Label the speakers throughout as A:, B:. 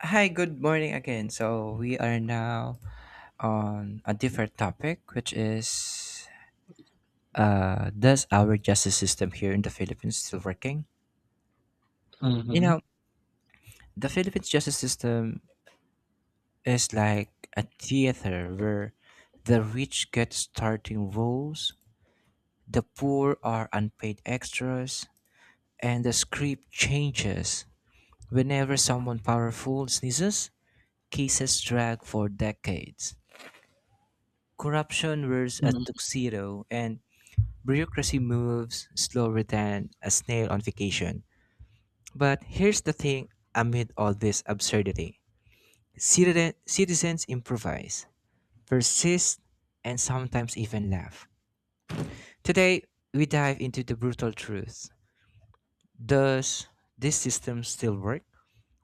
A: Hi, good morning again. So we are now on a different topic, which is does our justice system here in the Philippines still working? You
B: Mhm,
A: know, the Philippines justice system is like a theater where the rich get starting roles, the poor are unpaid extras, and the script changes whenever someone powerful sneezes. Cases drag for decades, corruption wears a
B: mhm,
A: tuxedo, and bureaucracy moves slower than a snail on vacation. But here's the thing, amid all this absurdity, citizens improvise, persist, and sometimes even laugh. Today, we dive into the brutal truth. Does this system still work?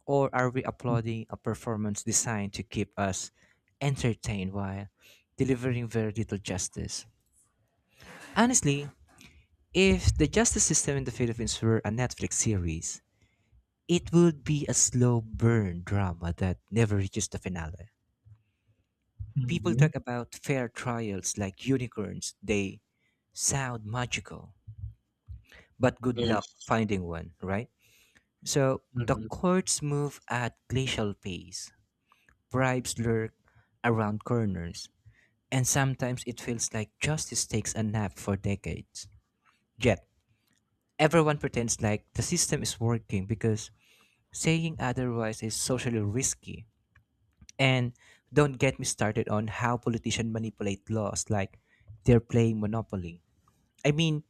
A: Or are we
B: mm,
A: applauding a performance designed to keep us entertained while delivering very little justice? Honestly, if the justice system in the Philippines were a Netflix series, it would be a slow burn drama that never reaches the finale. People
B: mhm,
A: talk about fair trials like unicorns. They sound magical, but good luck
B: yes,
A: finding one, right? So the
B: mhm.
A: courts move at glacial pace, bribes lurk around corners, and sometimes it feels like justice takes a nap for decades. Yet, everyone pretends like the system is working because saying otherwise is socially risky. And don't get me started on how politicians manipulate laws like they're playing Monopoly. I mean,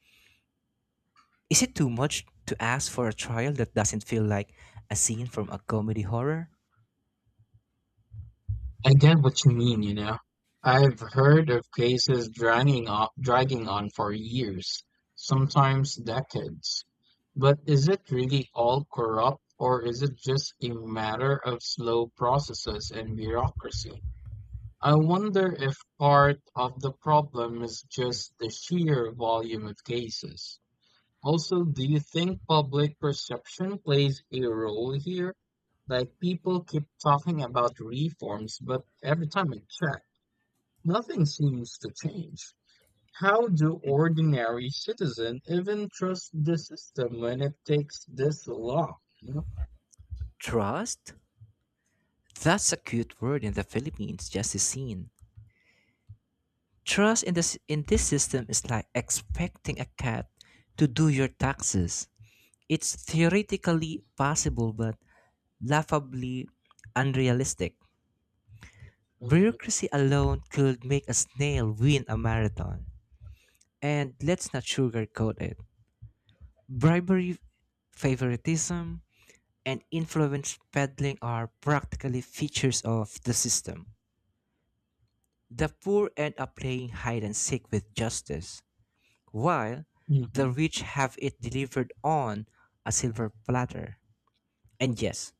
A: is it too much to ask for a trial that doesn't feel like a scene from a comedy horror?
B: I get what you mean. I've heard of cases dragging on for years, sometimes decades. But is it really all corrupt, or is it just a matter of slow processes and bureaucracy? I wonder if part of the problem is just the sheer volume of cases. Also, do you think public perception plays a role here? Like people keep talking about reforms, but every time I check, nothing seems to change. How do ordinary citizens even trust the system when it takes this long? You know?
A: Trust? That's a cute word in the Philippines, just a scene. Trust in this system is like expecting a cat to do your taxes. It's theoretically possible but laughably unrealistic. Bureaucracy alone could make a snail win a marathon. And let's not sugarcoat it. Bribery, favoritism, and influence peddling are practically features of the system. The poor end up playing hide and seek with justice, while the
B: Mhm.
A: rich have it delivered on a silver platter. And yes,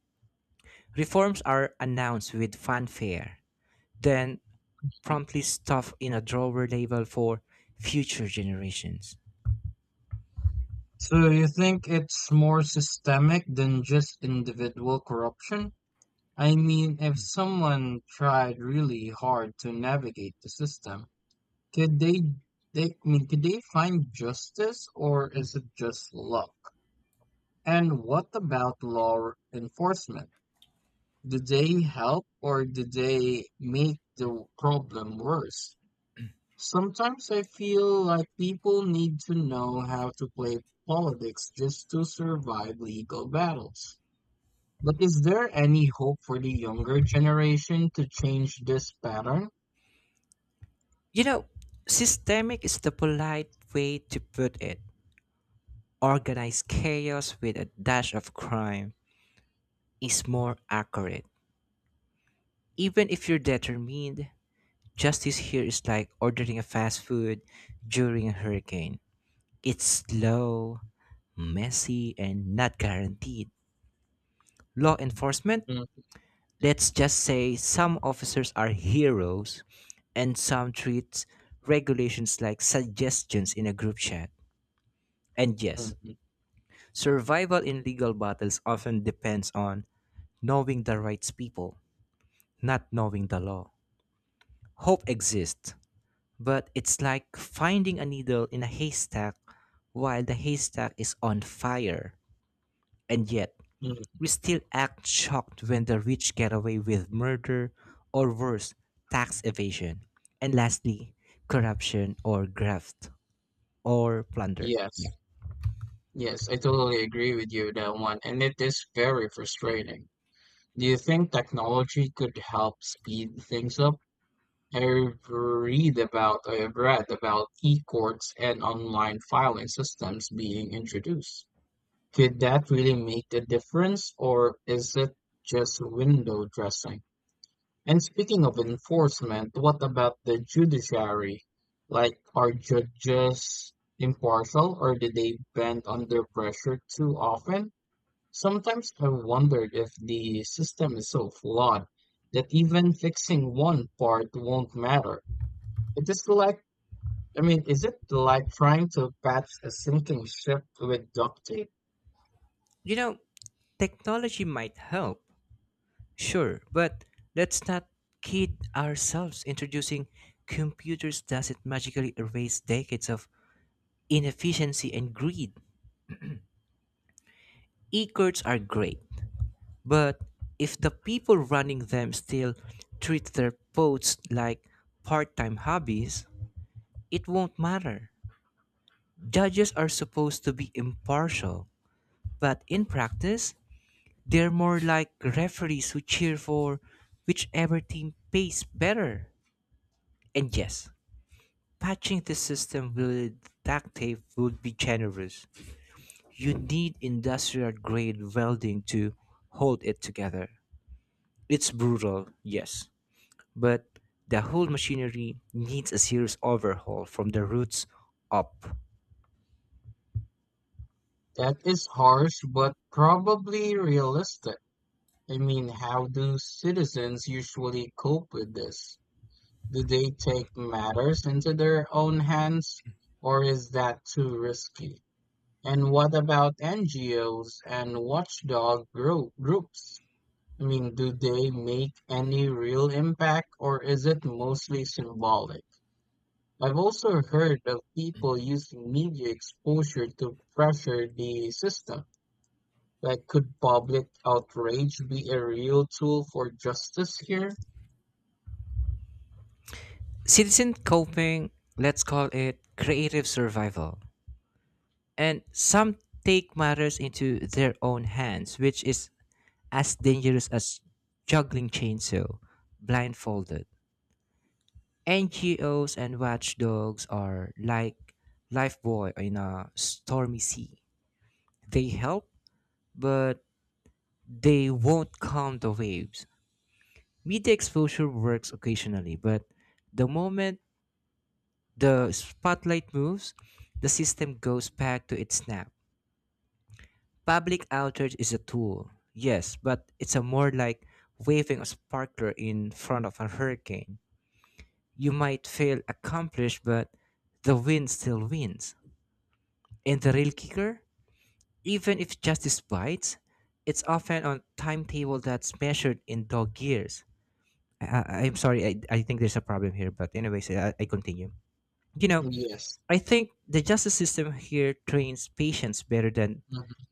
A: reforms are announced with fanfare, then
B: Mhm.
A: promptly stuffed in a drawer labeled for future generations.
B: So you think it's more systemic than just individual corruption? I mean, if someone tried really hard to navigate the system, could they, I mean, could they find justice, or is it just luck? And what about law enforcement? Did they help or did they make the problem worse? Sometimes I feel like people need to know how to play politics just to survive legal battles. But is there any hope for the younger generation to change this pattern?
A: You know, systemic is the polite way to put it. Organized chaos with a dash of crime is more accurate. Even if you're determined, justice here is like ordering a fast food during a hurricane. It's slow, messy, and not guaranteed. Law enforcement,
B: Mm,
A: let's just say some officers are heroes and some treat regulations like suggestions in a group chat. And
B: mm,
A: yes,
B: mm,
A: survival in legal battles often depends on knowing the rights people, not knowing the law. Hope exists, but it's like finding a needle in a haystack while the haystack is on fire. And yet,
B: mm.
A: we still act shocked when the rich get away with murder or worse, tax evasion. And lastly, corruption or graft or plunder. Yeah.
B: Yes. Yes, I totally agree with you with that one, and it is very frustrating. Do you think technology could help speed things up? I've read about e-courts and online filing systems being introduced. Could that really make the difference, or is it just window dressing? And speaking of enforcement, what about the judiciary? Like, are judges impartial, or do they bend under pressure too often? Sometimes I wonder if the system is so flawed that even fixing one part won't matter. It is like, I mean, is it like trying to patch a sinking ship with duct tape?
A: You know, technology might help, sure, but let's not kid ourselves. Introducing computers doesn't magically erase decades of inefficiency and greed. E cards are great, but if the people running them still treat their posts like part time hobbies, it won't matter. Judges are supposed to be impartial, but in practice, they're more like referees who cheer for whichever team pays better. And yes, patching the system with duct tape would be generous. You need industrial grade welding to hold it together. It's brutal, yes, but the whole machinery needs a serious overhaul from the roots up.
B: That is harsh, but probably realistic. I mean, how do citizens usually cope with this? Do they take matters into their own hands, or is that too risky? And what about NGOs and watchdog groups? I mean, do they make any real impact, or is it mostly symbolic? I've also heard of people using media exposure to pressure the system. Like, could public outrage be a real tool for justice here?
A: Citizen coping, let's call it creative survival. And some take matters into their own hands, which is as dangerous as juggling chainsaw, blindfolded. NGOs and watchdogs are like lifebuoy in a stormy sea. They help, but they won't calm the waves. Media exposure works occasionally, but the moment the spotlight moves, the system goes back to its snap. Public outrage is a tool, yes, but it's a more like waving a sparkler in front of a hurricane. You might feel accomplished, but the wind still wins. And the real kicker, even if justice bites, it's often on timetable that's measured in dog years. I'm sorry, I think there's a problem here, but anyways, I continue. You know,
B: Yes.
A: I think the justice system here trains patience better than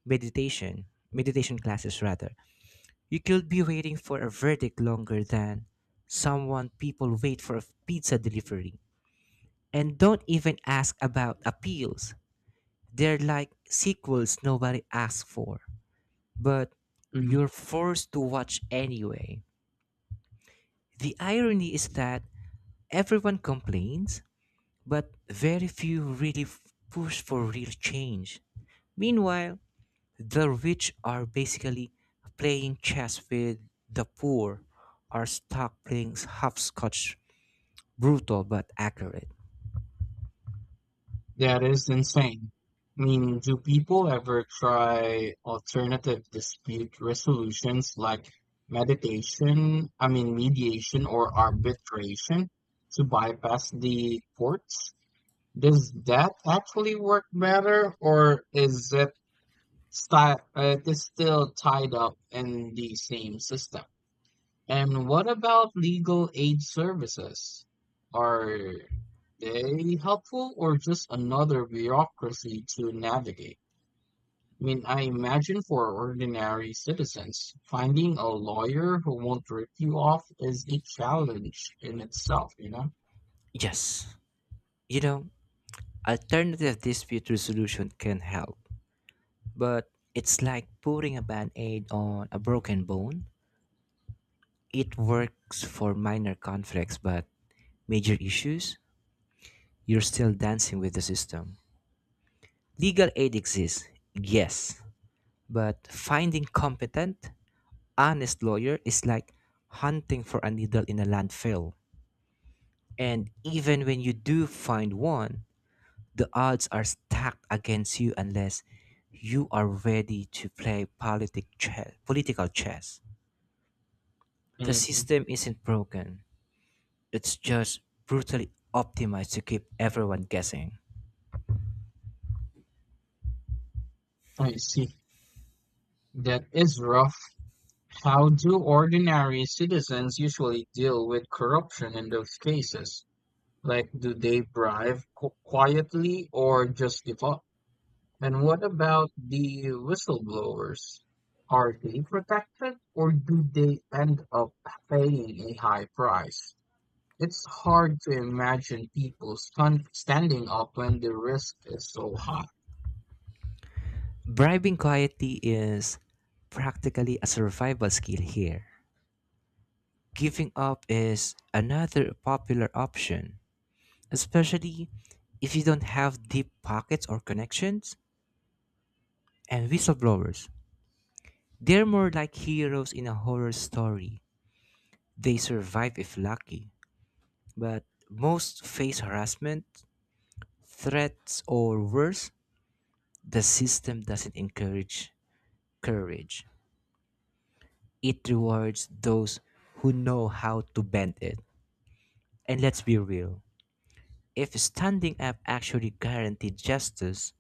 A: meditation, meditation classes rather. You could be waiting for a verdict longer than someone people wait for a pizza delivery. And don't even ask about appeals. They're like sequels nobody asks for, but
B: Mhm.
A: you're forced to watch anyway. The irony is that everyone complains, but very few really push for real change. Meanwhile, the rich are basically playing chess with the poor are stuck playing hopscotch. Brutal but accurate.
B: That is insane. I mean, do people ever try alternative dispute resolutions like meditation, I mean, mediation or arbitration to bypass the courts? Does that actually work better, or is it it is still tied up in the same system? And what about legal aid services? Are they helpful, or just another bureaucracy to navigate? I mean, I imagine for ordinary citizens, finding a lawyer who won't rip you off is a challenge in itself, you know?
A: Yes, you know, alternative dispute resolution can help, but it's like putting a band aid on a broken bone. It works for minor conflicts, but major issues, you're still dancing with the system. Legal aid exists, yes, but finding competent, honest lawyer is like hunting for a needle in a landfill. And even when you do find one, the odds are stacked against you unless you are ready to play political chess. The
B: hmm
A: system isn't broken, it's just brutally optimized to keep everyone guessing.
B: I see. That is rough. How do ordinary citizens usually deal with corruption in those cases? Like, do they bribe quietly, or just give up? And what about the whistleblowers? Are they protected, or do they end up paying a high price? It's hard to imagine people standing up when the risk is so high.
A: Bribing quietly is practically a survival skill here. Giving up is another popular option, especially if you don't have deep pockets or connections. And whistleblowers, they're more like heroes in a horror story. They survive if lucky, but most face harassment, threats, or worse, the system doesn't encourage courage. It rewards those who know how to bend it. And let's be real, if standing up actually guaranteed justice,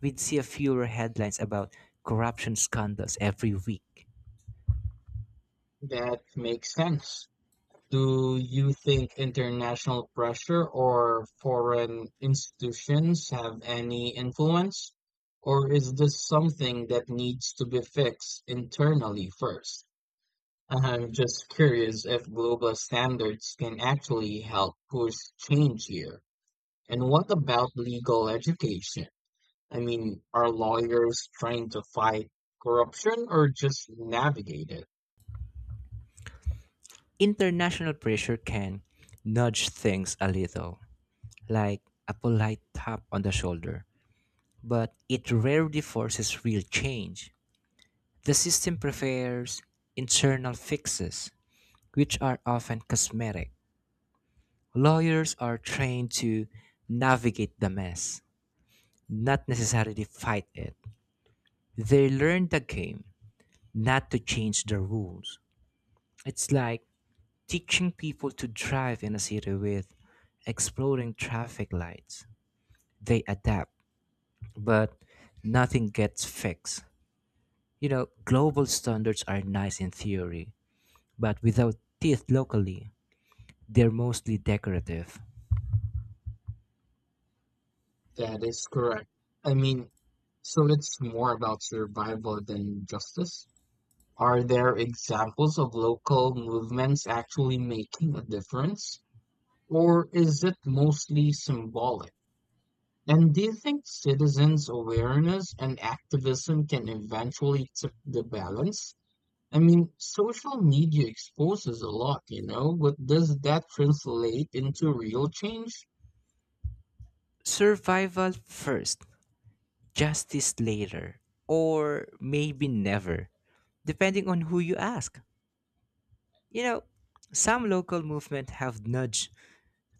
A: we'd see a fewer headlines about corruption scandals every week.
B: That makes sense. Do you think international pressure or foreign institutions have any influence? Or is this something that needs to be fixed internally first? I'm just curious if global standards can actually help push change here. And what about legal education? I mean, are lawyers trying to fight corruption, or just navigate it?
A: International pressure can nudge things a little, like a polite tap on the shoulder, but it rarely forces real change. The system prefers internal fixes, which are often cosmetic. Lawyers are trained to navigate the mess, not necessarily fight it. They learn the game, not to change the rules. It's like teaching people to drive in a city with exploding traffic lights. They adapt, but nothing gets fixed. Global standards are nice in theory, but without teeth locally, they're mostly decorative.
B: That is correct. I mean, so it's more about survival than justice. Are there examples of local movements actually making a difference? Or is it mostly symbolic? And do you think citizens' awareness and activism can eventually tip the balance? I mean, social media exposes a lot, but does that translate into real change?
A: Survival first, justice later, or maybe never, depending on who you ask. You know, some local movements have nudged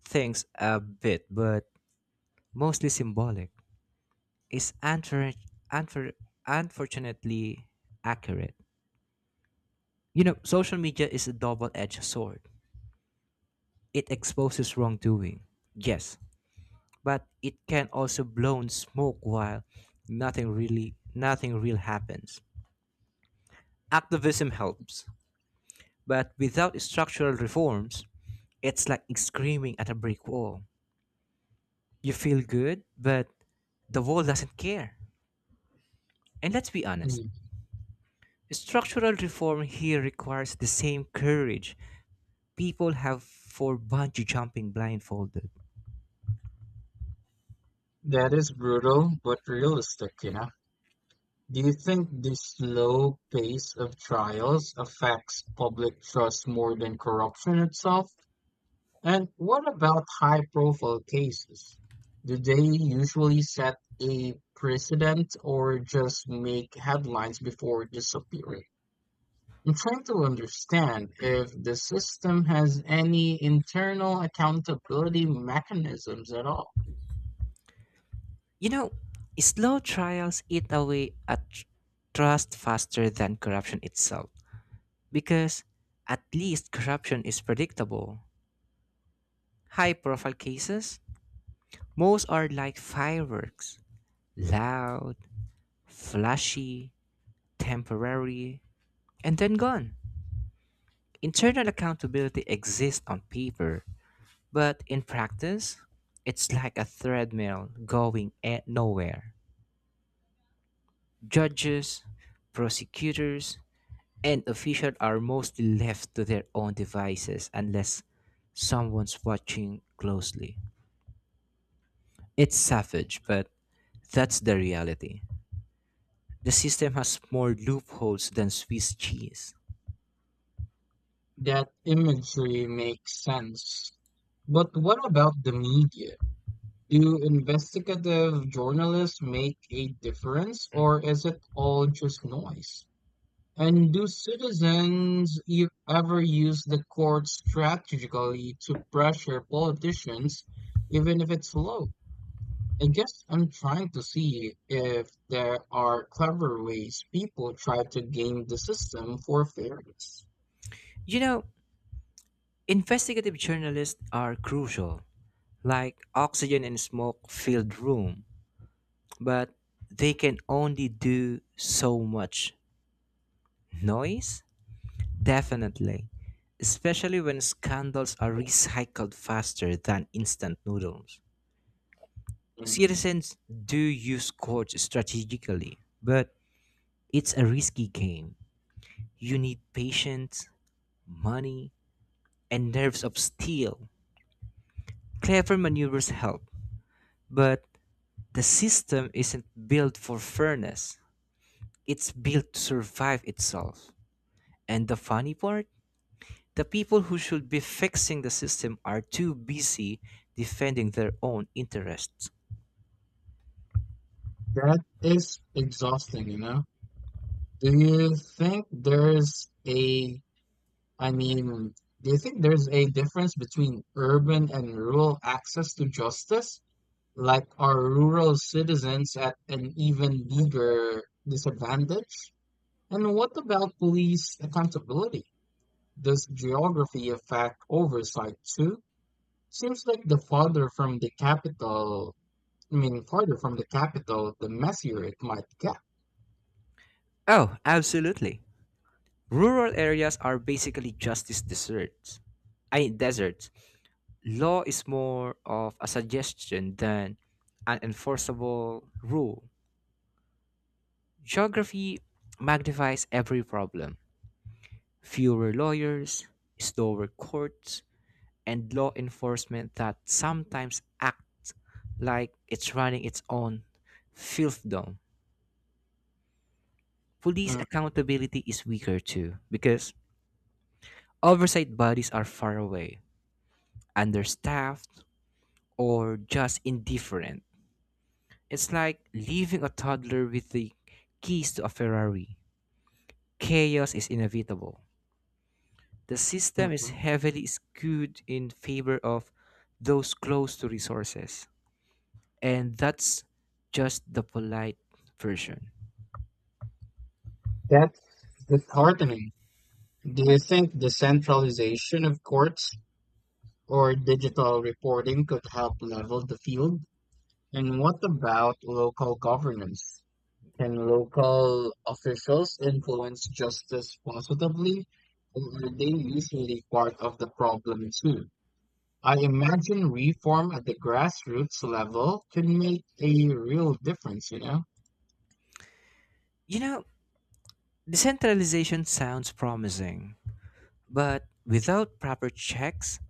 A: things a bit, but mostly symbolic is unfor- unfortunately accurate. Social media is a double edged sword. It exposes wrongdoing, yes, but it can also blow in smoke while nothing real happens. Activism helps, but without structural reforms, it's like screaming at a brick wall. You feel good, but the wall doesn't care. And let's be honest,
B: Mm.
A: structural reform here requires the same courage people have for bungee jumping blindfolded.
B: That is brutal, but realistic. Do you think the slow pace of trials affects public trust more than corruption itself? And what about high profile cases? Do they usually set a precedent, or just make headlines before disappearing? I'm trying to understand if the system has any internal accountability mechanisms at all.
A: You know, slow trials eat away at trust faster than corruption itself because at least corruption is predictable. High profile cases, most are like fireworks, loud, flashy, temporary, and then gone. Internal accountability exists on paper, but in practice, it's like a treadmill going nowhere. Judges, prosecutors, and officials are mostly left to their own devices unless someone's watching closely. It's savage, but that's the reality. The system has more loopholes than Swiss cheese.
B: That imagery makes sense. But what about the media? Do investigative journalists make a difference, or is it all just noise? And do citizens ever use the court strategically to pressure politicians, even if it's low? I guess I'm trying to see if there are clever ways people try to game the system for fairness.
A: You know, investigative journalists are crucial, like oxygen in a smoke filled room, but they can only do so much. Noise? Definitely, especially when scandals are recycled faster than instant noodles.
B: Mhm.
A: Citizens do use courts strategically, but it's a risky game. You need patience, money, and nerves of steel. Clever maneuvers help, but the system isn't built for fairness, it's built to survive itself. And the funny part? The people who should be fixing the system are too busy defending their own interests.
B: That is exhausting, you know? Do you think there's a, I mean, do you think there's a difference between urban and rural access to justice? Like, are rural citizens at an even bigger disadvantage? And what about police accountability? Does geography affect oversight too? Seems like the farther from the capital, I mean, farther from the capital, the messier it might get.
A: Oh, absolutely. Rural areas are basically justice deserts. I mean, deserts. Law is more of a suggestion than an enforceable rule. Geography magnifies every problem. Fewer lawyers, slower courts, and law enforcement that sometimes acts like it's running its own fiefdom. Police
B: Mm,
A: accountability is weaker too because oversight bodies are far away, understaffed, or just indifferent. It's like leaving a toddler with the keys to a Ferrari. Chaos is inevitable. The system is
B: mhm.
A: heavily skewed in favor of those close to resources. And that's just the polite version.
B: That's disheartening. Do you think the centralization of courts or digital reporting could help level the field? And what about local governance? Can local officials influence justice positively, or are they usually part of the problem too? I imagine reform at the grassroots level can make a real difference, you know?
A: You know, decentralization sounds promising, but without proper checks,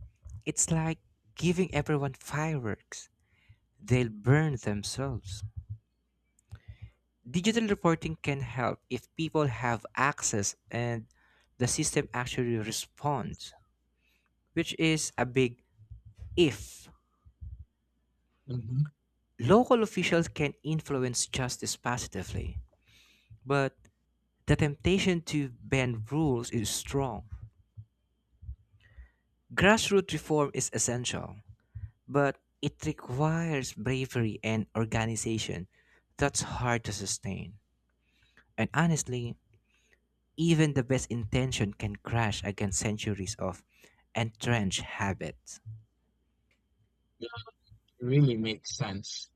A: it's like giving everyone fireworks. They'll burn themselves. Digital reporting can help if people have access and the system actually responds, which is a big if.
B: hmm
A: Local officials can influence justice positively, but the temptation to bend rules is strong. Grassroots reform is essential, but it requires bravery and organization that's hard to sustain. And honestly, even the best intention can crash against centuries of entrenched habits.
B: It really makes sense.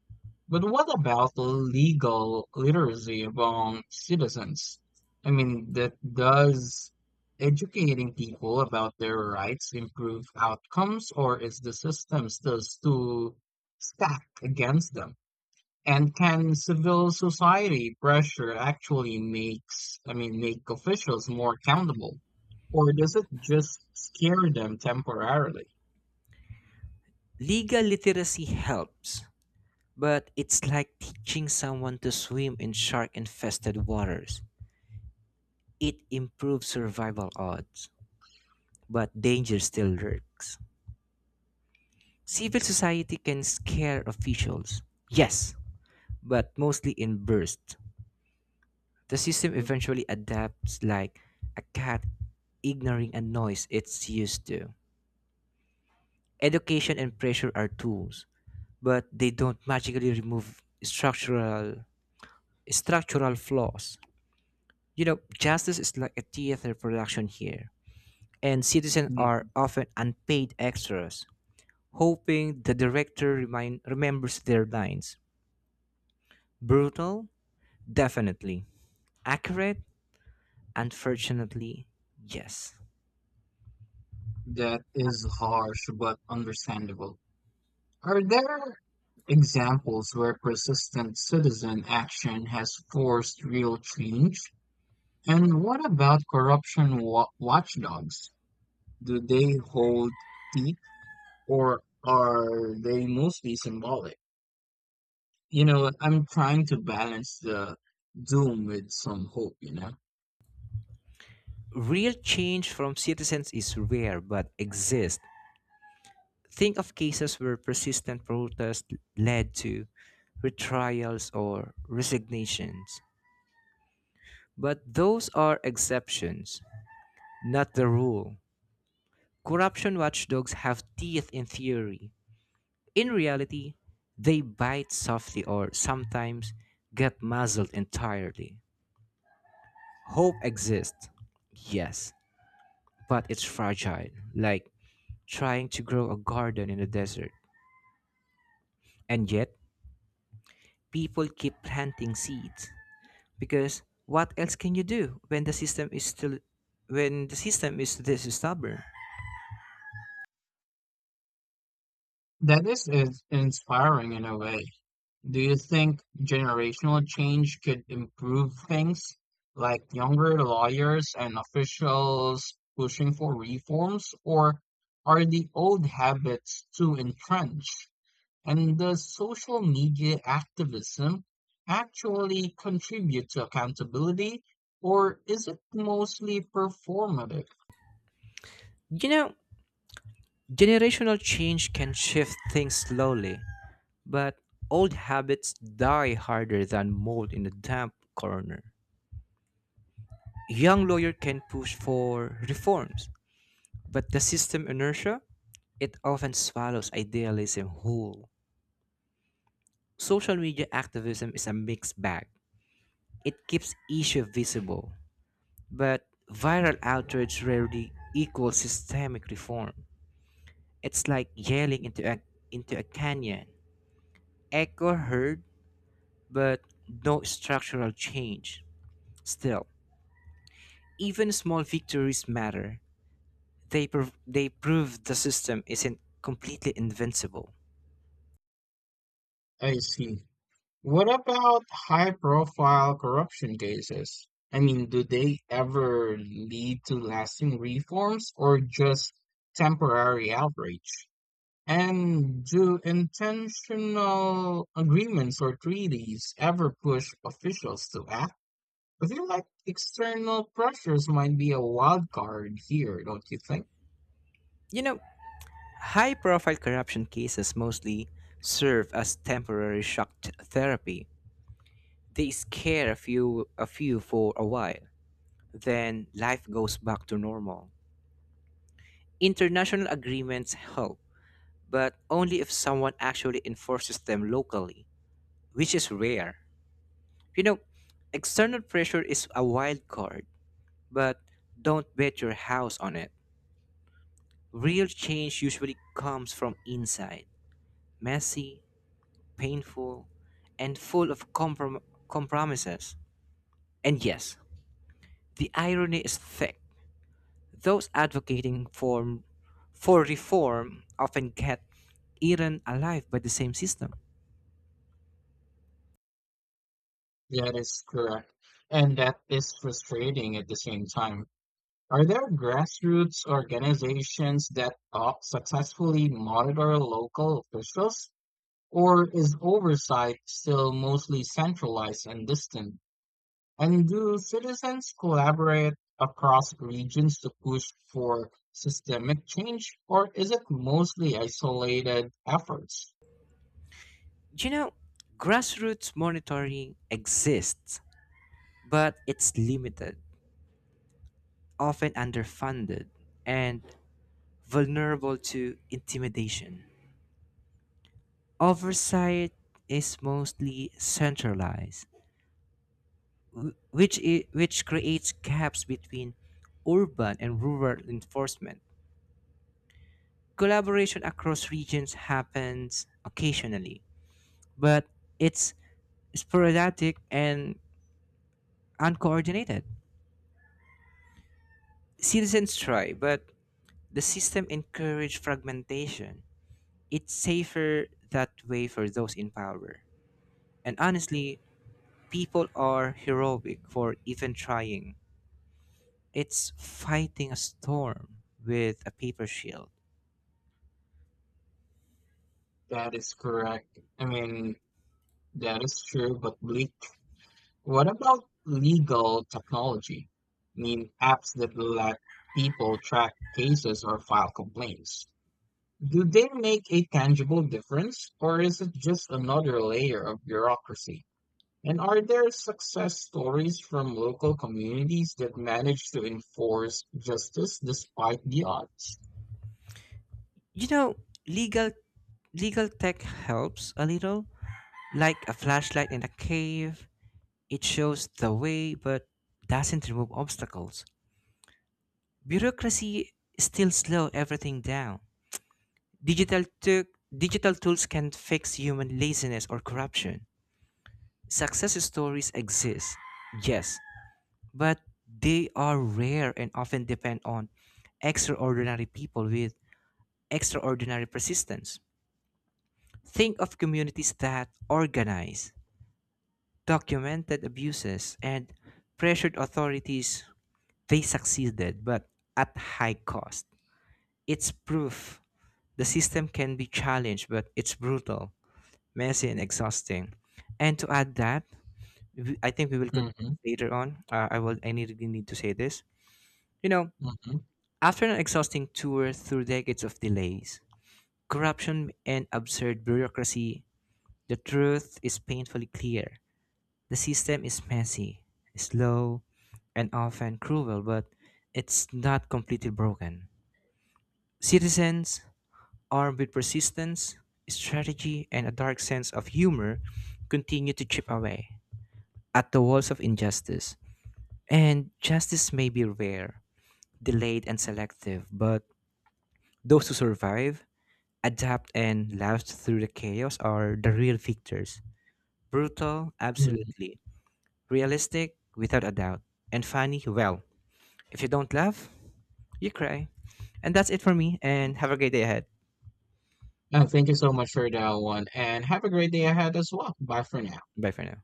B: But what about legal literacy among citizens? I mean, that does educating people about their rights improve outcomes, or is the system still too stacked against them? And can civil society pressure actually makes, I mean, make officials more accountable, or does it just scare them temporarily?
A: Legal literacy helps, but it's like teaching someone to swim in shark infested waters. It improves survival odds, but danger still lurks. Civil society can scare officials, yes, but mostly in bursts. The system eventually adapts like a cat ignoring a noise it's used to. Education and pressure are tools, but they don't magically remove structural flaws. Justice is like a theater production here, and citizens are
B: Mm.
A: often unpaid extras, hoping the director remembers their lines. Brutal? Definitely. Accurate? Unfortunately, yes.
B: That is harsh but understandable. Are there examples where persistent citizen action has forced real change? And what about corruption watchdogs? Do they hold teeth, or are they mostly symbolic? You know, I'm trying to balance the doom with some hope, you know?
A: Real change from citizens is rare but exists. Think of cases where persistent protest led to retrials or resignations. But those are exceptions, not the rule. Corruption watchdogs have teeth in theory. In reality, they bite softly or sometimes get muzzled entirely. Hope exists, yes, but it's fragile, like trying to grow a garden in the desert. And yet, people keep planting seeds because what else can you do when the system is still when the system is this stubborn?
B: That is inspiring in a way. Do you think generational change could improve things, like younger lawyers and officials pushing for reforms, or are the old habits too entrenched? And does social media activism actually contribute to accountability, or is it mostly performative?
A: You know, Generational change can shift things slowly, but old habits die harder than mold in a damp corner. Young lawyer can push for reforms, but the system inertia it often swallows idealism whole. Social media activism is a mixed bag. It keeps issue visible, but viral outrage rarely equals systemic reform. It's like yelling into a canyon. Echo heard, but no structural change. Still, even small victories matter. They prove the system isn't completely invincible.
B: I see. What about high-profile corruption cases? I mean, do they ever lead to lasting reforms, or just temporary outrage? And do intentional agreements or treaties ever push officials to act? I feel like external pressures might be a wild card here, don't you think?
A: You know, High-profile corruption cases mostly serve as temporary therapy. They scare a few for a while. Then life goes back to normal. International agreements help, but only if someone actually enforces them locally, which is rare. You know, External pressure is a wild card, but don't bet your house on it. Real change usually comes from inside, messy, painful, and full of compromises. And yes, the irony is thick. Those for reform often get eaten alive by the same system.
B: That is correct. And that is frustrating at the same time. Are there grassroots organizations that successfully monitor local officials, or is oversight still mostly centralized and distant? And do citizens collaborate across regions to push for systemic change, or is it mostly isolated efforts?
A: You know, Grassroots monitoring exists, but it's limited, often underfunded, and vulnerable to intimidation. Oversight is mostly centralized, which creates gaps between urban and rural enforcement. Collaboration across regions happens occasionally, but it's sporadic and uncoordinated. Citizens try, but the system encourages fragmentation. It's safer that way for those in power. And honestly, people are heroic for even trying. It's fighting a storm with a paper shield.
B: That is correct. I mean, that is true, but bleak. What about legal technology? I mean, apps that let people track cases or file complaints. Do they make a tangible difference, or is it just another layer of bureaucracy? And are there success stories from local communities that manage to enforce justice despite the odds?
A: You know, legal Legal tech helps a little, like a flashlight in a cave. It shows the way but doesn't remove obstacles. Bureaucracy still slow everything down. Digital tools can fix human laziness or corruption. Success stories exist, yes, but they are rare and often depend on extraordinary people with extraordinary persistence. Think of communities that organize, documented abuses, and pressured authorities. They succeeded, but at high cost. It's proof the system can be challenged, but it's brutal, messy, and exhausting. And to add that, I think we will
B: Mm-hmm,
A: continue later on. I will. Need to say this. You know,
B: mm-hmm,
A: After an exhausting tour through decades of delays, corruption, and absurd bureaucracy, the truth is painfully clear. The system is messy, slow, and often cruel, but it's not completely broken. Citizens armed with persistence, strategy, and a dark sense of humor, continue to chip away at the walls of injustice. And justice may be rare, delayed, and selective, but those who survive, adapt, and last through the chaos are the real victors. Brutal, absolutely. Realistic, without a doubt. And funny, well, if you don't laugh, you cry. And that's it for me, and have a great day ahead.
B: mm-hmm. Thank you so much for that one, and have a great day ahead as well. Bye for now.
A: Bye for now.